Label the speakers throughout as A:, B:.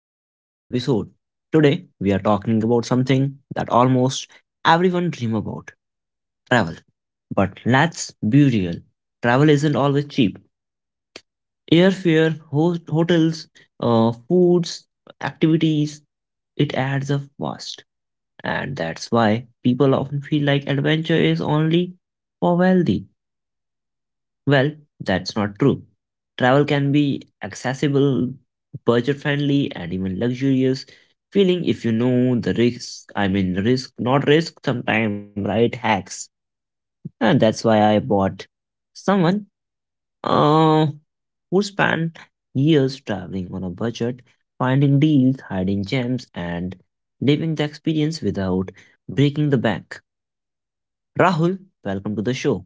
A: back to another episode. Today we are talking about something that almost everyone dream about, travel. But let's be real, travel isn't always cheap. Airfare, hotels, foods, activities, it adds up fast. And that's why people often feel like adventure is only for wealthy. Well, that's not true. Travel can be accessible, budget friendly, and even luxurious feeling if you know the risks. I mean, risk, not risk, sometimes, right? Hacks. And that's why I bought someone uh, who spent years traveling on a budget, finding deals, hiding gems, and living the experience without breaking the bank. Rahul, welcome to the show.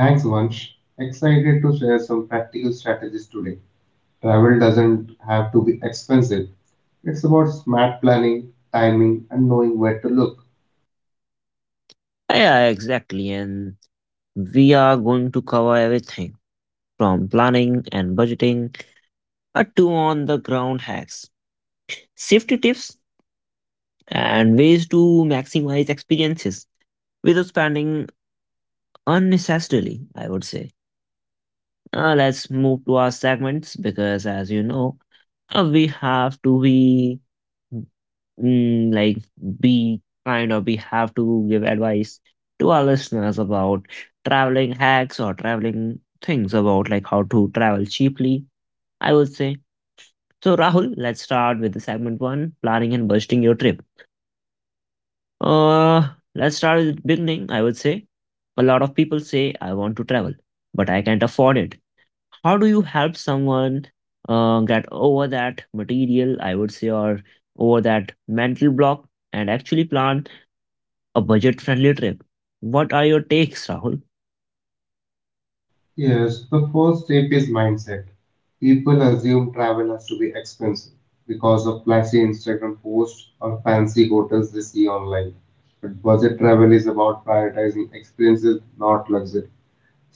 B: Thanks, Vansh. Excited to share some practical strategies today. Travel doesn't have to be expensive. It's about smart planning, timing, and knowing where to look.
A: Yeah, exactly. And we are going to cover everything from planning and budgeting to on the ground hacks, safety tips, and ways to maximize experiences without spending unnecessarily, I would say. Let's move to our segments because, as you know, we have to be mm, like we have to give advice to our listeners about traveling hacks or traveling things about like how to travel cheaply, I would say. So, Rahul, let's start with the segment one, planning and budgeting your trip. Uh, let's start with the beginning, I would say. A lot of people say, I want to travel, but I can't afford it. How do you help someone get over that material, I would say, or over that mental block and actually plan a budget friendly trip? What are your takes, Rahul?
B: Yes, the first step is mindset. People assume travel has to be expensive because of flashy Instagram posts or fancy hotels they see online. But budget travel is about prioritizing experiences, not luxury.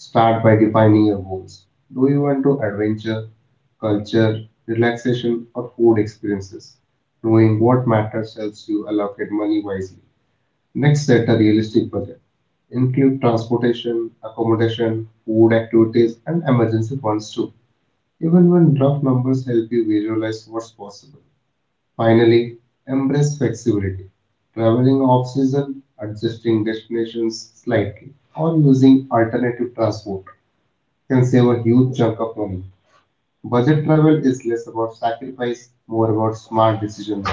B: Start by defining your goals. Do you want to adventure, culture, relaxation, or food experiences? Knowing what matters helps you allocate money wisely. Next, set a realistic budget. Include transportation, accommodation, food activities, and emergency funds too. Even when rough numbers help you visualize what's possible. Finally, embrace flexibility. Traveling off season, adjusting destinations slightly, or using alternative transport can save a huge chunk of money. Budget travel is less about sacrifice, more about smart decisions.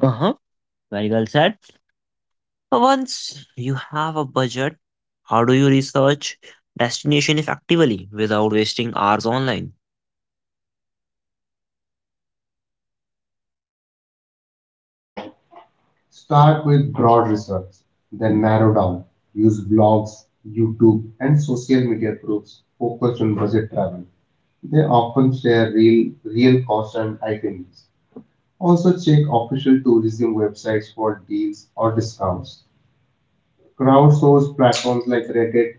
A: Uh huh. Very well said. Once you have a budget, how do you research destination effectively without wasting hours online?
B: So start with broad research, then narrow down. Use blogs, YouTube, and social media groups focused on budget travel. They often share real, real costs and itineraries. Also check official tourism websites for deals or discounts. Crowdsourced platforms like Reddit,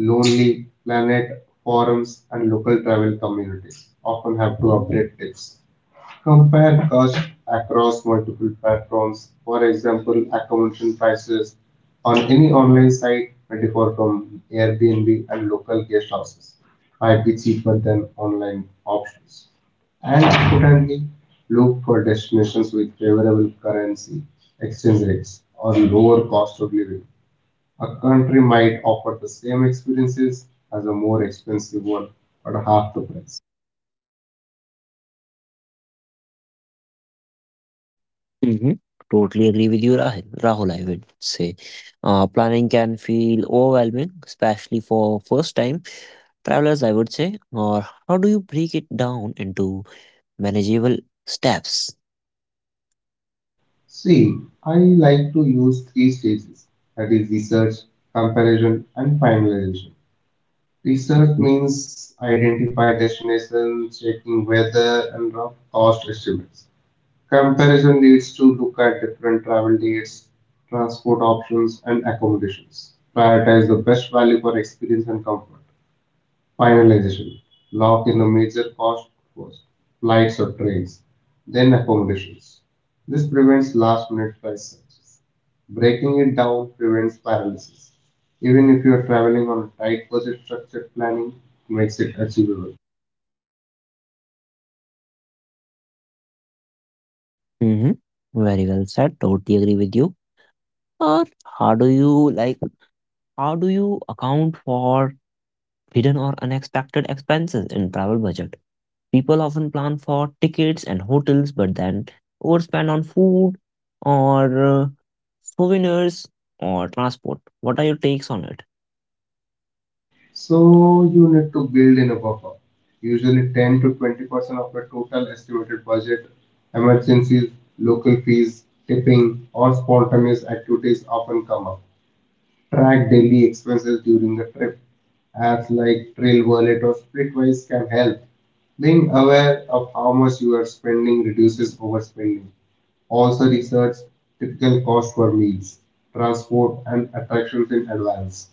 B: Lonely Planet, forums, and local travel communities often have to update tips. Compare costs across multiple platforms. For example, accommodation prices on any online site may differ from Airbnb, and local guest houses might be cheaper than online options. And importantly, look for destinations with favorable currency exchange rates or lower cost of living. A country might offer the same experiences as a more expensive one at half the price.
A: Hmm. Totally agree with you, Rahul. Rahul, I would say. Planning can feel overwhelming, especially for first time travelers, I would say. Or how do you break it down into manageable steps?
B: See, I like to use three stages, that is, research, comparison, and finalization. Research means identify destinations, checking weather, and rough cost estimates. Comparison leads to look at different travel dates, transport options, and accommodations. Prioritize the best value for experience and comfort. Finalization: lock in the major cost was flights or trains, then accommodations. This prevents last minute flight searches. Breaking it down prevents paralysis. Even if you are traveling on a tight budget, structured planning makes it achievable.
A: Mm-hmm. Very well said. Totally agree with you. Or how do you like, how do you account for hidden or unexpected expenses in travel budget? People often plan for tickets and hotels, but then overspend on food or souvenirs or transport. What are your takes on it?
B: So you need to build in a buffer, usually 10 to 20% of your total estimated budget. Emergencies, local fees, tipping, or spontaneous activities often come up. Track daily expenses during the trip. Apps like Trail Wallet or Splitwise can help. Being aware of how much you are spending reduces overspending. Also research typical cost for meals, transport and attractions in advance.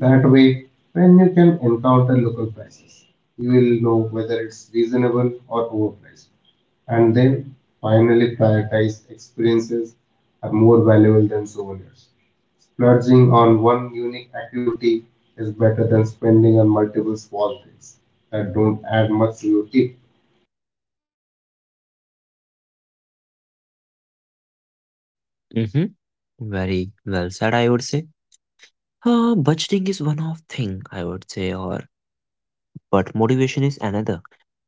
B: That way, when you can encounter local prices, you will know whether it's reasonable or overpriced, and then finally prioritize experiences are more valuable than souvenirs. Splurging on one unique activity is better than spending on multiple small things that don't add much to your tip.
A: Mm-hmm. Very well said, I would say. Budgeting is one of thing, I would say, or but motivation is another.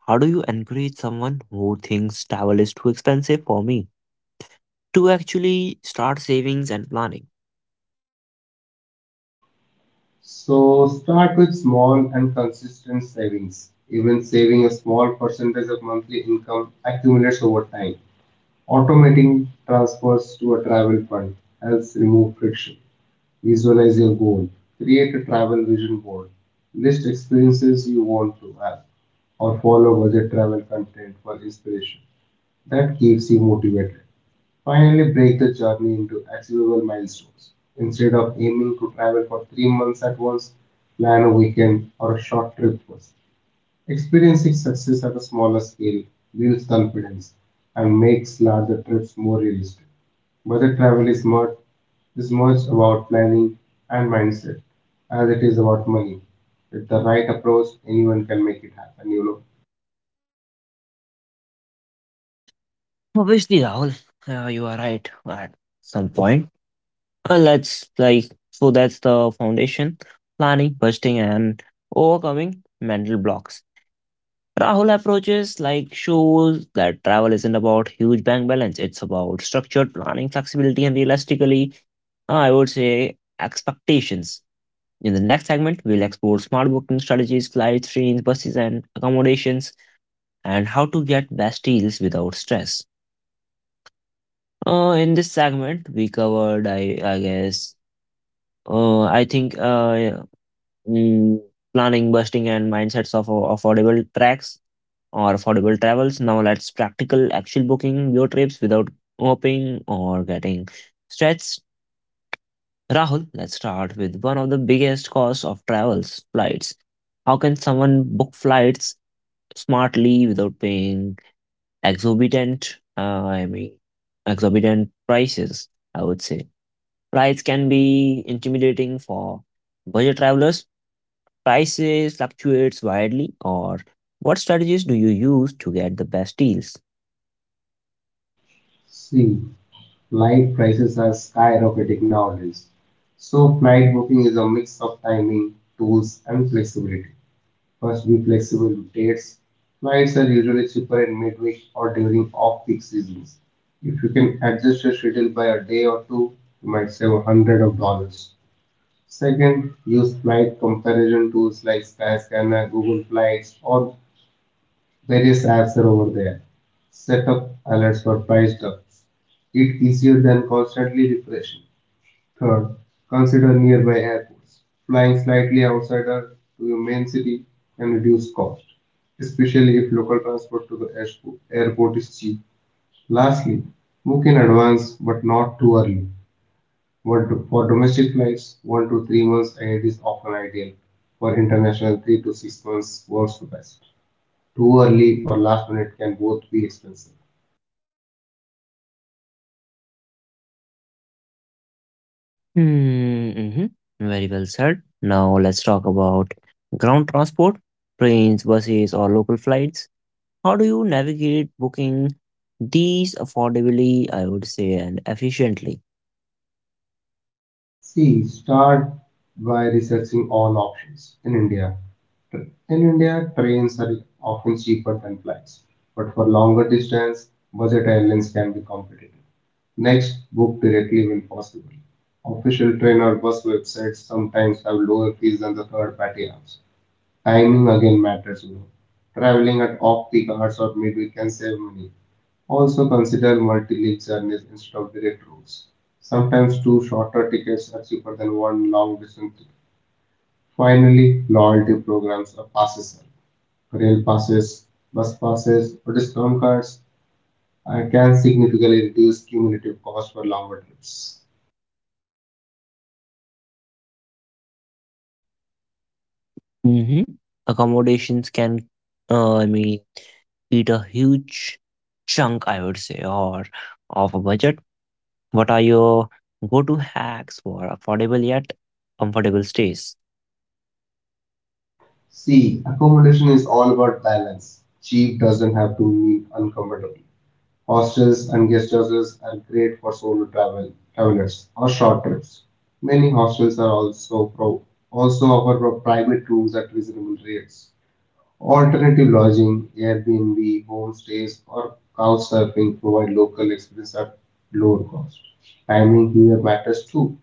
A: How do you encourage someone who thinks travel is too expensive for me to actually start savings and planning?
B: So start with small and consistent savings. Even saving a small percentage of monthly income accumulates over time. Automating transfers to a travel fund helps remove friction. Visualize your goal. Create a travel vision board. List experiences you want to have or follow budget travel content for inspiration. That keeps you motivated. Finally, break the journey into achievable milestones. Instead of aiming to travel for 3 months at once, plan a weekend or a short trip first. Experiencing success at a smaller scale builds confidence and makes larger trips more realistic. Budget travel is much about planning and mindset as it is about money. With the right approach, anyone can make it happen, you know.
A: Obviously, Rahul, you are right at some point. Well, that's like, so that's the foundation, planning, budgeting, and overcoming mental blocks. Rahul approaches like shows that travel isn't about huge bank balance; it's about structured planning, flexibility, and realistically, I would say, expectations. In the next segment, we'll explore smart booking strategies, flights, trains, buses, and accommodations, and how to get best deals without stress. In this segment, we covered, I guess, uh, I think, uh, mm, planning, busting, and mindsets of affordable tracks or affordable travels. Now let's practical actual booking your trips without hoping or getting stretched. Rahul, let's start with one of the biggest costs of travels, flights. How can someone book flights smartly without paying exorbitant, I mean, exorbitant prices? I would say. Price can be intimidating for budget travelers. Prices fluctuates widely, or what strategies do you use to get the best deals?
B: See, flight prices are skyrocketing nowadays. So, flight booking is a mix of timing, tools, and flexibility. First, be flexible to dates. Flights are usually cheaper in midweek or during off peak seasons. If you can adjust your schedule by a day or two, you might save a hundred of dollars. Second, use flight comparison tools like Skyscanner, Google Flights, or various apps are over there. Set up alerts for price drops. It's easier than constantly refreshing. Third, consider nearby airports. Flying slightly outside to your main city can reduce cost, especially if local transport to the airport is cheap. Lastly, book in advance but not too early. But for domestic flights, 1 to 3 months ahead is often ideal. For international, 3 to 6 months works the best. Too early or last minute can both be expensive.
A: Mm-hmm. Very well said. Now let's talk about ground transport, trains, buses, or local flights. How do you navigate booking these affordably, I would say, and efficiently?
B: See, start by researching all options. In India, trains are often cheaper than flights, but for longer distance, budget airlines can be competitive. Next, book directly when possible. Official train or bus websites sometimes have lower fees than the third-party apps. Timing again matters, you know. Traveling at off peak hours or midweek can save money. Also consider multi-league journeys instead of direct routes. Sometimes two shorter tickets are cheaper than one long distance ticket. Finally, loyalty programs or passes help: rail passes, bus passes, or discount cards can significantly reduce cumulative cost for longer trips.
A: Mm-hmm. Accommodations can, I mean, eat a huge chunk, I would say, or of a budget? What are your go-to hacks for affordable yet comfortable stays?
B: C. Accommodation is all about balance. Cheap doesn't have to mean uncomfortable. Hostels and guest houses are great for solo travelers or short trips. Many hostels are also offer private rooms at reasonable rates. Alternative lodging, Airbnb, homestays, or couchsurfing provide local experience at lower cost. Timing here matters too.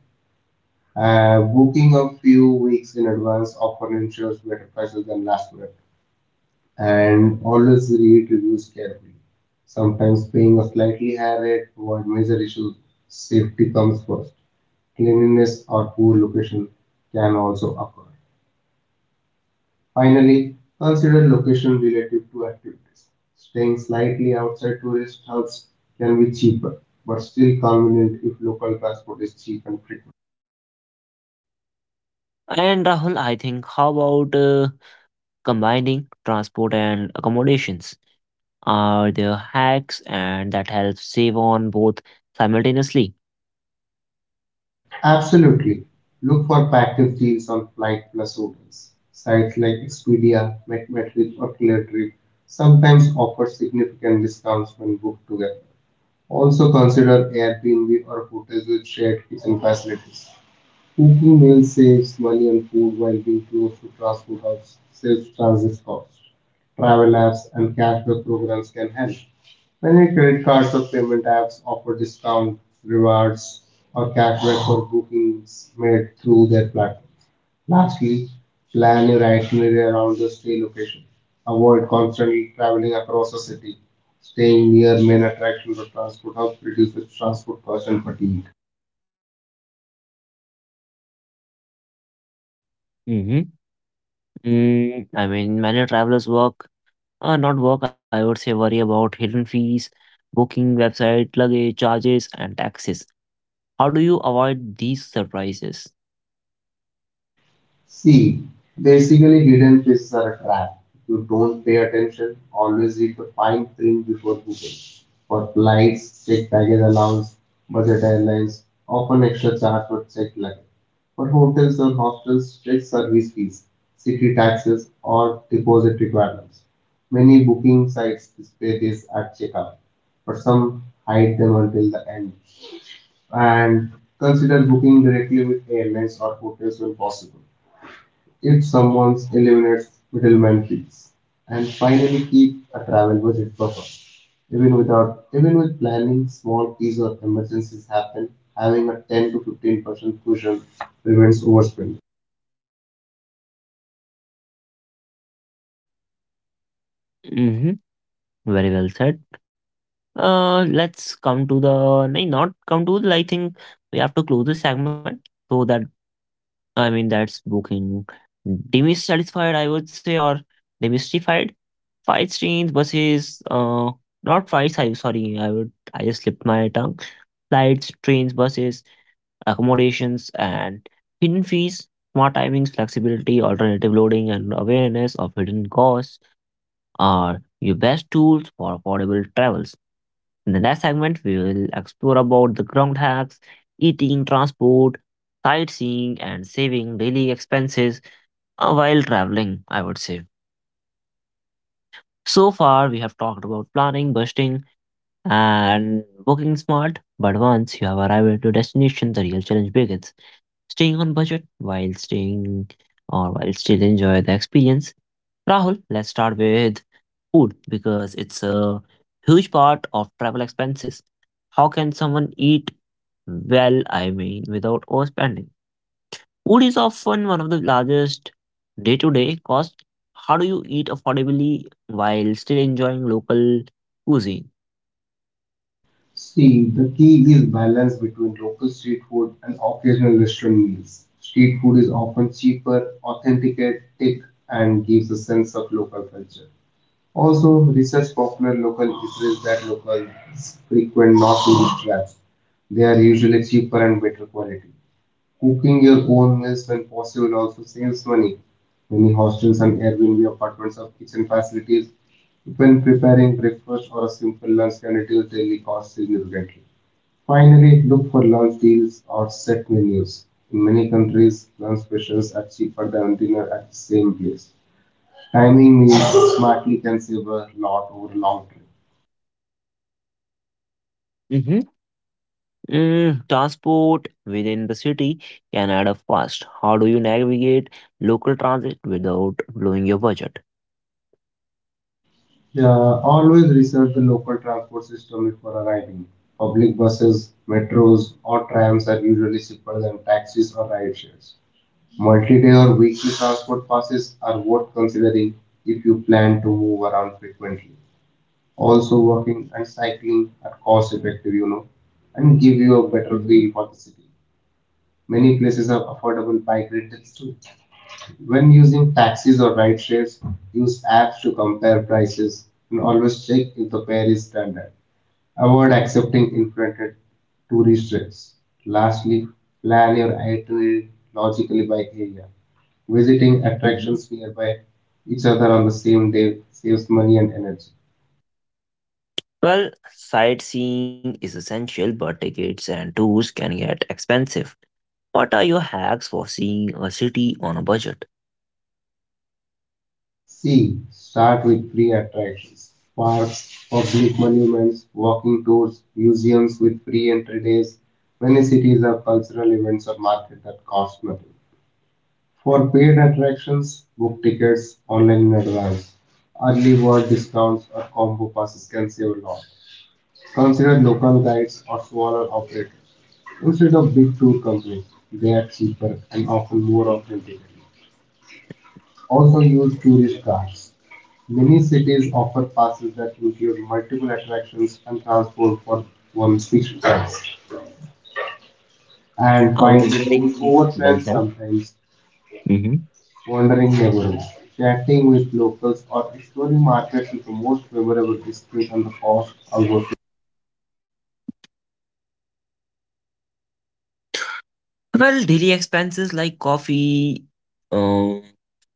B: Booking a few weeks in advance often ensures better prices than last minute, and always read reviews carefully. Sometimes paying a slightly higher rate to avoid major issues. Safety comes first. Cleanliness or poor location can also occur. Finally, consider location relative to activities. Staying slightly outside tourist hubs can be cheaper, but still convenient if local transport is cheap and frequent.
A: And Rahul, I think, how about combining transport and accommodations? Are there hacks and that helps save on both simultaneously?
B: Absolutely. Look for active deals on Flight Plus hotels. Sites like Expedia, MatMatrix, or ClearTrip sometimes offer significant discounts when booked together. Also consider Airbnb or hotels with shared kitchen facilities. Cooking meals saves money, and food while being close to transport hubs saves transit costs. Travel apps and cashback programs can help. Many credit cards or payment apps offer discounts, rewards, or cashback for bookings made through their platforms. Lastly, plan your itinerary around the stay location. Avoid constantly traveling across a city. Staying near main attractions or transport hubs reduces transport costs and fatigue.
A: Mm-hmm. Mm, I mean, many travelers work, not work, I would say, worry about hidden fees, booking website, luggage charges, and taxes. How do you avoid these surprises?
B: See, basically hidden places are a trap. If you don't pay attention, always read the fine print before booking. For flights, check baggage allowance; budget airlines often extra charge for checked luggage. For hotels and hostels, check service fees, city taxes, or deposit requirements. Many booking sites display this at checkout, but some hide them until the end. And consider booking directly with airlines or hotels when possible. If someone eliminates middleman fees, and finally keep a travel budget buffer. Even without even with planning, small fees or emergencies happen. Having a 10 to 15% cushion prevents overspending.
A: Hmm. Very well said. Let's come to the nay, not come to the. I think we have to close the segment so that I mean that's booking demystified, I would say, or demystified. Fight trains, buses. Not flights. I sorry. I would. I just slipped my tongue. Flights, trains, buses, accommodations, and hidden fees. Smart timings, flexibility, alternative loading, and awareness of hidden costs are your best tools for affordable travels. In the next segment, we will explore about the ground hacks, eating, transport, sightseeing, and saving daily expenses while traveling, I would say. So far, we have talked about planning, budgeting, and booking smart. But once you have arrived at your destination, the real challenge begins. Staying on budget while staying or while still enjoy the experience. Rahul, let's start with food, because it's a huge part of travel expenses. How can someone eat well, I mean, without overspending? Food is often one of the largest day to day costs. How do you eat affordably while still enjoying local cuisine?
B: See, the key is balance between local street food and occasional restaurant meals. Street food is often cheaper, authentic, thick, and gives a sense of local culture. Also, research popular local eateries that locals frequent, not tourist traps. They are usually cheaper and better quality. Cooking your own meals when possible also saves money. Many hostels and Airbnb apartments have kitchen facilities. When preparing breakfast or a simple lunch can reduce daily costs significantly. Finally, look for lunch deals or set menus. In many countries, lunch specials are cheaper than dinner at the same place. Timing means smartly conserve a lot over a long trip.
A: Hmm. Mm, transport within the city can add up fast. How do you navigate local transit without blowing your budget?
B: Yeah, always research the local transport system before arriving. Public buses, metros, or trams are usually cheaper than taxis or ride shares. Multi-day or weekly transport passes are worth considering if you plan to move around frequently. Also, walking and cycling are cost-effective, you know, and give you a better
A: Mhm.
B: feel for the city. Many places have affordable bike rentals too. When using taxis or ride shares, use apps to compare prices and always check if the fare is standard. Avoid accepting inflated tourist rates. Lastly, plan your itinerary logically by area. Visiting
A: Mhm.
B: attractions nearby each other on the same day saves money and energy.
A: Well, sightseeing is essential, but tickets and tours can get expensive. What are your hacks for seeing a city on a budget?
B: C. Start with free attractions. Parks, public monuments, walking tours, museums with free entry days. Many cities have cultural events or markets that cost nothing. For paid attractions, book tickets online in advance. Early bird discounts or combo passes can save a lot. Consider local guides or smaller operators. Instead of big tour companies, they are cheaper and often more authentic. Also use tourist cars. Many cities offer passes that include multiple attractions and transport for one's fixed price. And
A: Oh, well,
B: finally,
A: very
B: tours
A: well
B: overplan
A: said.
B: sometimes;
A: Hmm.
B: wandering neighborhoods, chatting with locals, or exploring markets is the most memorable experience on the cost almost.
A: Well, daily expenses like coffee, um,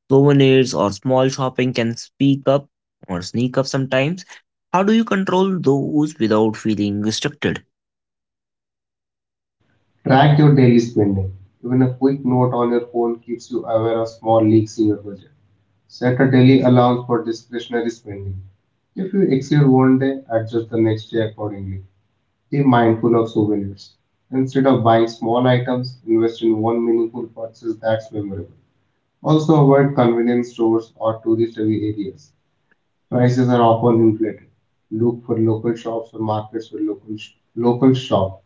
A: souvenirs, or small shopping can speak up or sneak up sometimes. How do you control those without feeling restricted?
B: Track your daily spending. Even a quick note on your phone keeps you aware of small leaks in your budget. Set a daily allowance for discretionary spending. If you exceed one day, adjust the next day accordingly. Be mindful of souvenirs. Instead of buying small items, invest in one meaningful purchase that's memorable. Also, avoid convenience stores or tourist heavy areas. Prices are often inflated. Look for local shops or markets for local shop.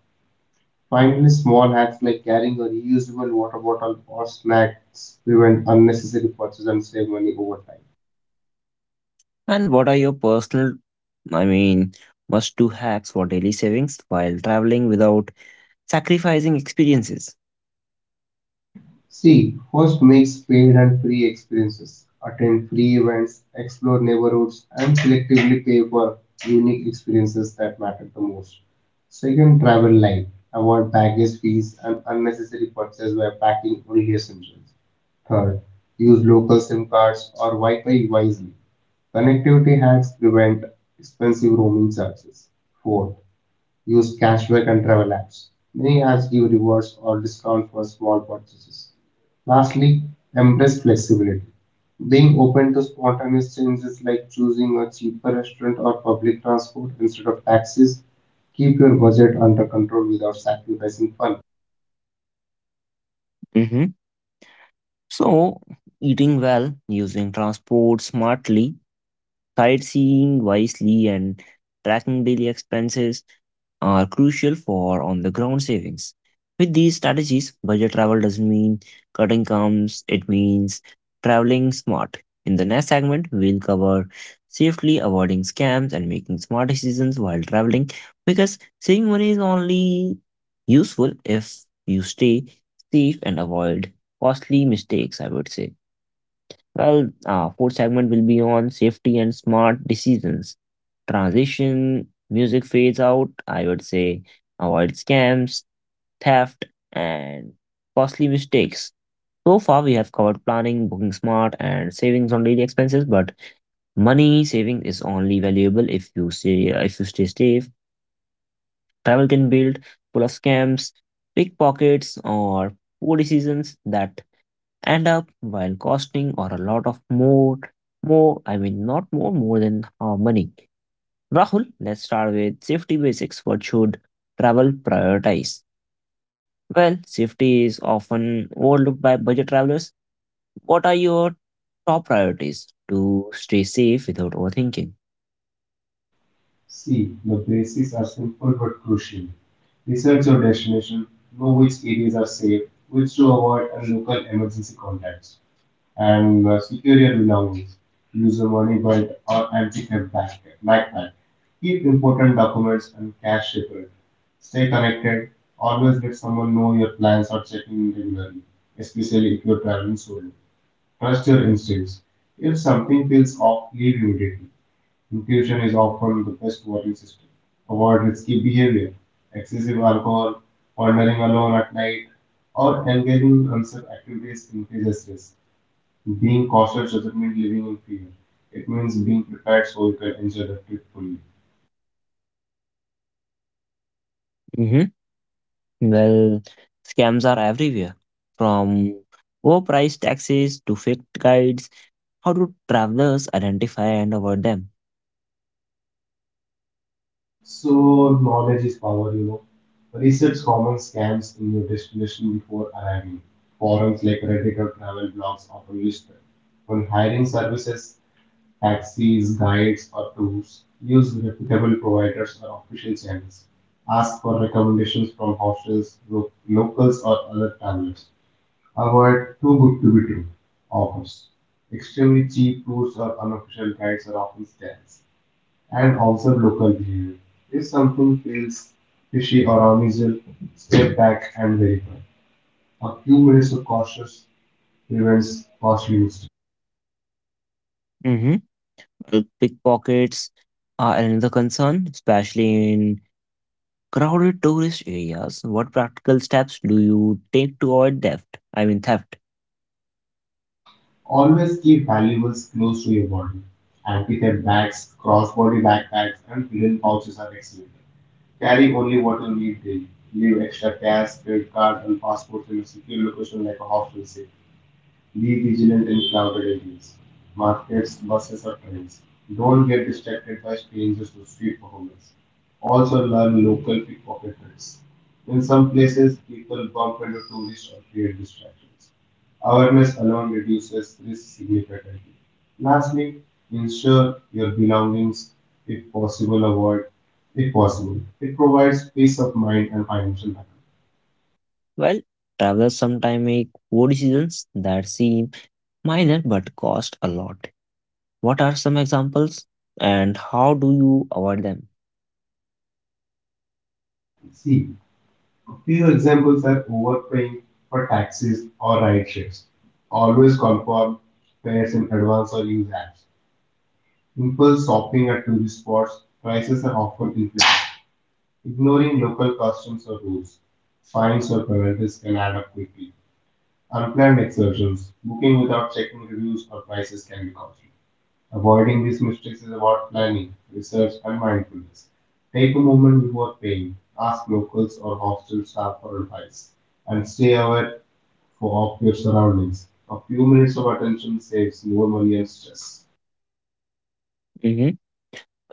B: Finally, small hacks like carrying a reusable water bottle or snacks prevent unnecessary purchases and save money over time.
A: And what are your personal, I mean, must do hacks for daily savings while traveling without sacrificing experiences.
B: C. Host mix paid and free experiences. Attend free events, explore neighborhoods, and selectively pay for unique experiences that matter the most. Second, travel light. Avoid baggage fees and unnecessary purchase by packing only essentials. Third, use local SIM cards or Wi Fi wisely. Connectivity hacks prevent expensive roaming charges. Fourth, use cashback and travel apps. Many apps give rewards or discounts for small purchases. Lastly, embrace flexibility. Being open to spontaneous changes like choosing a cheaper restaurant or public transport instead of taxis, keep your budget under control without sacrificing fun.
A: Hmm. So, eating well, using transport smartly, sightseeing wisely, and tracking daily expenses are crucial for on the ground savings. With these strategies, budget travel doesn't mean cutting comes, it means traveling smart. In the next segment, we'll cover safely avoiding scams and making smart decisions while traveling, because saving money is only useful if you stay safe and avoid costly mistakes, I would say. Well, fourth segment will be on safety and smart decisions. Transition, music fades out, I would say, avoid scams, theft, and costly mistakes. So far, we have covered planning, booking smart, and savings on daily expenses. But money saving is only valuable if you say if you stay safe. Travel can build full of scams, pickpockets, or poor decisions that end up while costing or a lot of more more I mean not more more than money. Rahul, let's start with safety basics. What should travel prioritize? Well, safety is often overlooked by budget travelers. What are your top priorities to stay safe without overthinking?
B: C. The basics are simple but crucial. Research your destination, know which areas are safe, which to avoid, and local emergency contacts. And secure your belongings. Use a money belt or backpack. Keep important documents and cash separate. Stay connected. Always let someone know your plans or checking regularly, especially if you're traveling solo. Trust your instincts. If something feels off, leave immediately. Intuition is often the best warning system. Avoid risky behavior, excessive alcohol, wandering alone at night, or engaging in unsafe activities increases risk. Being cautious doesn't mean living in fear. It means being prepared so you can enjoy the trip fully.
A: Hmm. Well, scams are everywhere, from overpriced taxis to fake guides. How do travelers identify and avoid
B: So knowledge is power, you know. Research common scams in your destination before arriving. Forums like Reddit or travel blogs often list them. When hiring services, taxis, guides, or tours, use reputable providers or official channels. Ask for recommendations from hostels, locals, or other travelers. Avoid too good to be true offers. Extremely cheap tours or unofficial guides are often scams. And observe local behavior. If something feels fishy or unusual, step back and verify. A few minutes of cautious prevents costly mistakes.
A: them? Pickpockets are another concern, especially in crowded tourist areas. What practical steps do you take to avoid theft? I mean, theft.
B: Always keep valuables close to your body. Anti-theft bags, cross-body backpacks, and hidden pouches are excellent. Carry only what you need daily. Leave extra cash, credit card, and passports in a secure location like a hostel safe. Be vigilant in crowded areas, markets, buses, or trains. Don't get distracted by strangers or street performers. Also, learn local pickpocket tricks. In some places, people bump into tourists or create distractions. Awareness alone reduces risk significantly. Lastly, ensure your belongings, if possible, avoid if possible. It provides peace of mind and financial backup.
A: Well, travelers sometimes make poor decisions that seem minor but cost a lot. What are some examples and how do you avoid them?
B: See, few examples are overpaying for taxis or ride shares. Always confirm fares in advance or use apps. Impulse shopping at tourist spots. Prices are often inflated. Ignoring local customs or rules. Fines or penalties can add up quickly. Unplanned excursions. Booking without checking reviews or prices can be costly. Avoiding these mistakes is about planning, research, and mindfulness. Take a moment before paying, ask locals or hostel staff for advice, and stay aware for, of your surroundings. A few minutes of attention saves more money and stress.
A: Mhm.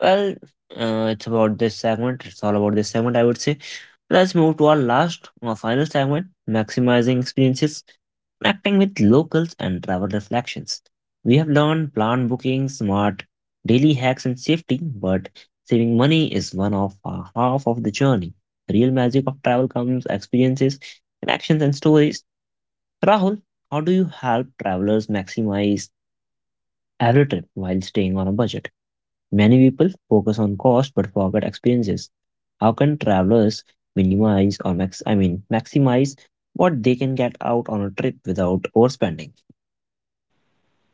A: Well, it's about this segment. It's all about this segment, I would say. Let's move to our last, our final segment, maximizing experiences, connecting with locals, and travel reflections. We have learned plan booking, smart daily hacks, and safety, but saving money is one of half of the journey. The real magic of travel comes experiences, connections, and stories. Rahul, how do you help travelers maximize every trip while staying on a budget? Many people focus on cost but forget experiences. How can travelers minimize or max I mean maximize what they can get out on a trip without overspending?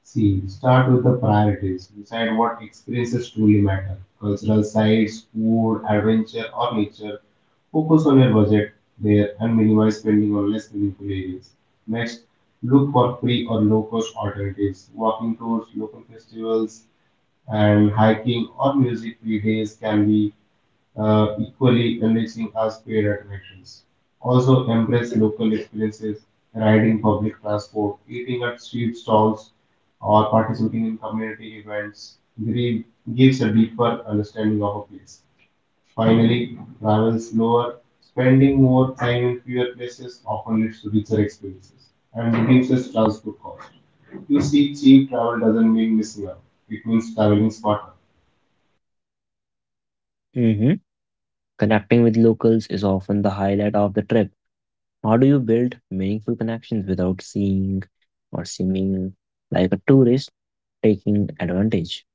B: C. Start with the priorities. Decide what experiences truly matter: cultural sites, food, adventure, or nature. Focus on your budget there and minimize spending on less meaningful areas. Next, look for free or low cost alternatives. Walking tours, local festivals, and hiking or music free days can be equally enriching as paid attractions. Also, embrace local experiences, riding public transport, eating at street stalls, or participating in community events. Give- Gives a deeper understanding of a place. Finally, travel slower, spending more time in fewer places often leads to richer experiences and reduces transport costs. You see, cheap travel doesn't mean missing out. It means traveling smarter.
A: Mhm. Connecting with locals is often the highlight of the trip. How do you build meaningful connections without seeing or seeming like a tourist taking advantage?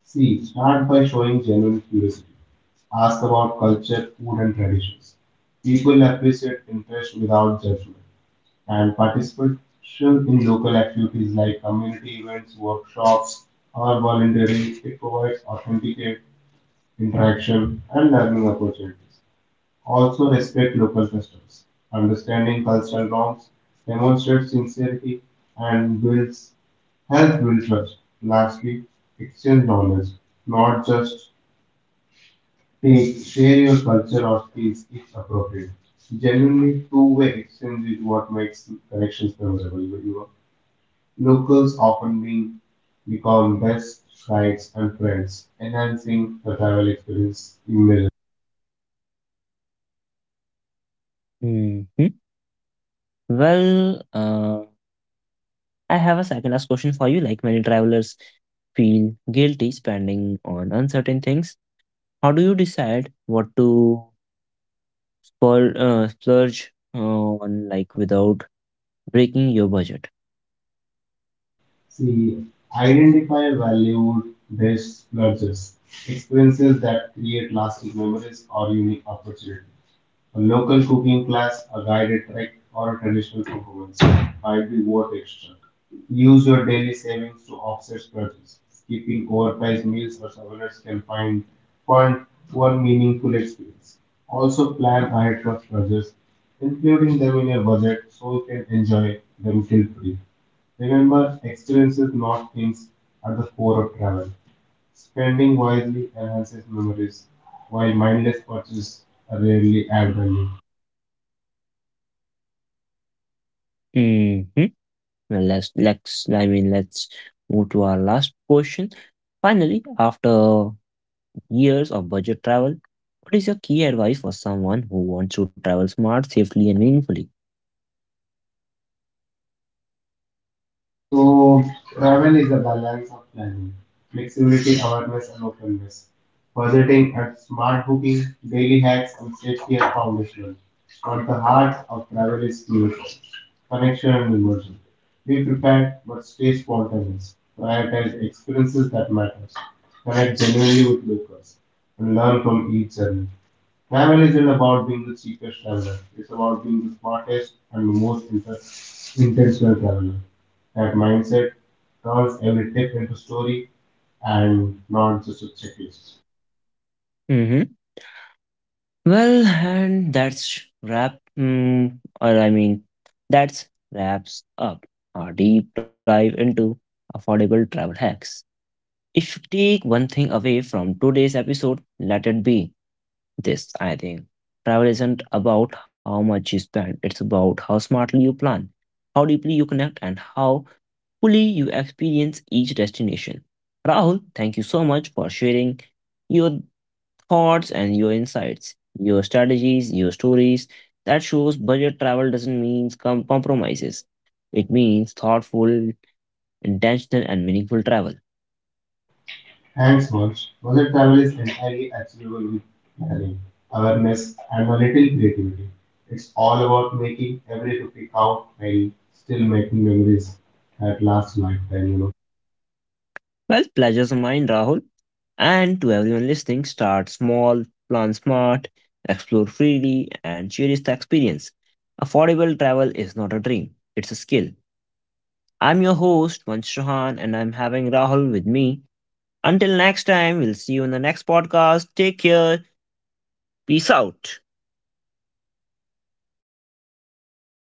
B: See, start by showing genuine curiosity. Ask about culture, food, and traditions. People appreciate interest without judgment. And participation in local activities like community events, workshops, or volunteering, it provides authentic interaction, and learning opportunities. Also, respect local customs. Understanding cultural norms demonstrates sincerity and builds help build trust. Lastly, exchange knowledge, not just take, share your culture or skills if appropriate. Genuinely two-way exchange is what makes connections memorable. You know, locals often being become best guides and friends, enhancing the travel experience immeasurably.
A: Mhm. Well, I have a second last question for you. Like, many travelers feel guilty spending on uncertain things. How do you decide what to spur, splurge on, like, without breaking your budget?
B: See, identify valued best lodges, experiences that create lasting memories or unique opportunities. A local cooking class, a guided trek, or a traditional performance might be worth extra. Use your daily savings to offset splurges. Skipping overpriced meals or souvenirs can find fund one meaningful experience. Also plan ahead for splurges, including them in your budget so you can enjoy them guilt-free. Remember, experiences, not things, are the core of travel. Spending wisely enhances memories, while mindless purchases rarely add value.
A: Mm-hmm. Let's I mean let's move to our last question. Finally, after years of budget travel, what is your key advice for someone who wants to travel smart, safely, and meaningfully?
B: So, travel is a balance of planning, flexibility, awareness, and openness. Budgeting and smart booking, daily hacks, and safety are foundational. But the heart of travel is curiosity, connection and immersion. Be prepared, but stay spontaneous. Prioritize experiences that matter. Connect genuinely with locals and learn from each journey. Travel isn't about being the cheapest traveler. It's about being the smartest and most intentional traveler. That mindset turns every trip into story and not just a checklist.
A: Hmm. Well, and that's wrap. Mm, or I mean, that's wraps up our deep dive into affordable travel hacks. If you take one thing away from today's episode, let it be this, I think. Travel isn't about how much you spend, it's about how smartly you plan, how deeply you connect, and how fully you experience each destination. Rahul, thank you so much for sharing your thoughts and your insights, your strategies, your stories. That shows budget travel doesn't mean compromises, it means thoughtful, intentional, and meaningful travel.
B: Thanks, Monch. Budget travel is entirely achievable with planning, awareness, and a little creativity. It's all about making every rupee count while still making memories that last lifetime.
A: Well, pleasure's mine, Rahul. And to everyone listening, start small, plan smart, explore freely, and cherish the experience. Affordable travel is not a dream, it's a skill. I'm your host, Vansh Chauhan, and I'm having Rahul with me. Until next time, we'll see you in the next podcast. Take care. Peace out.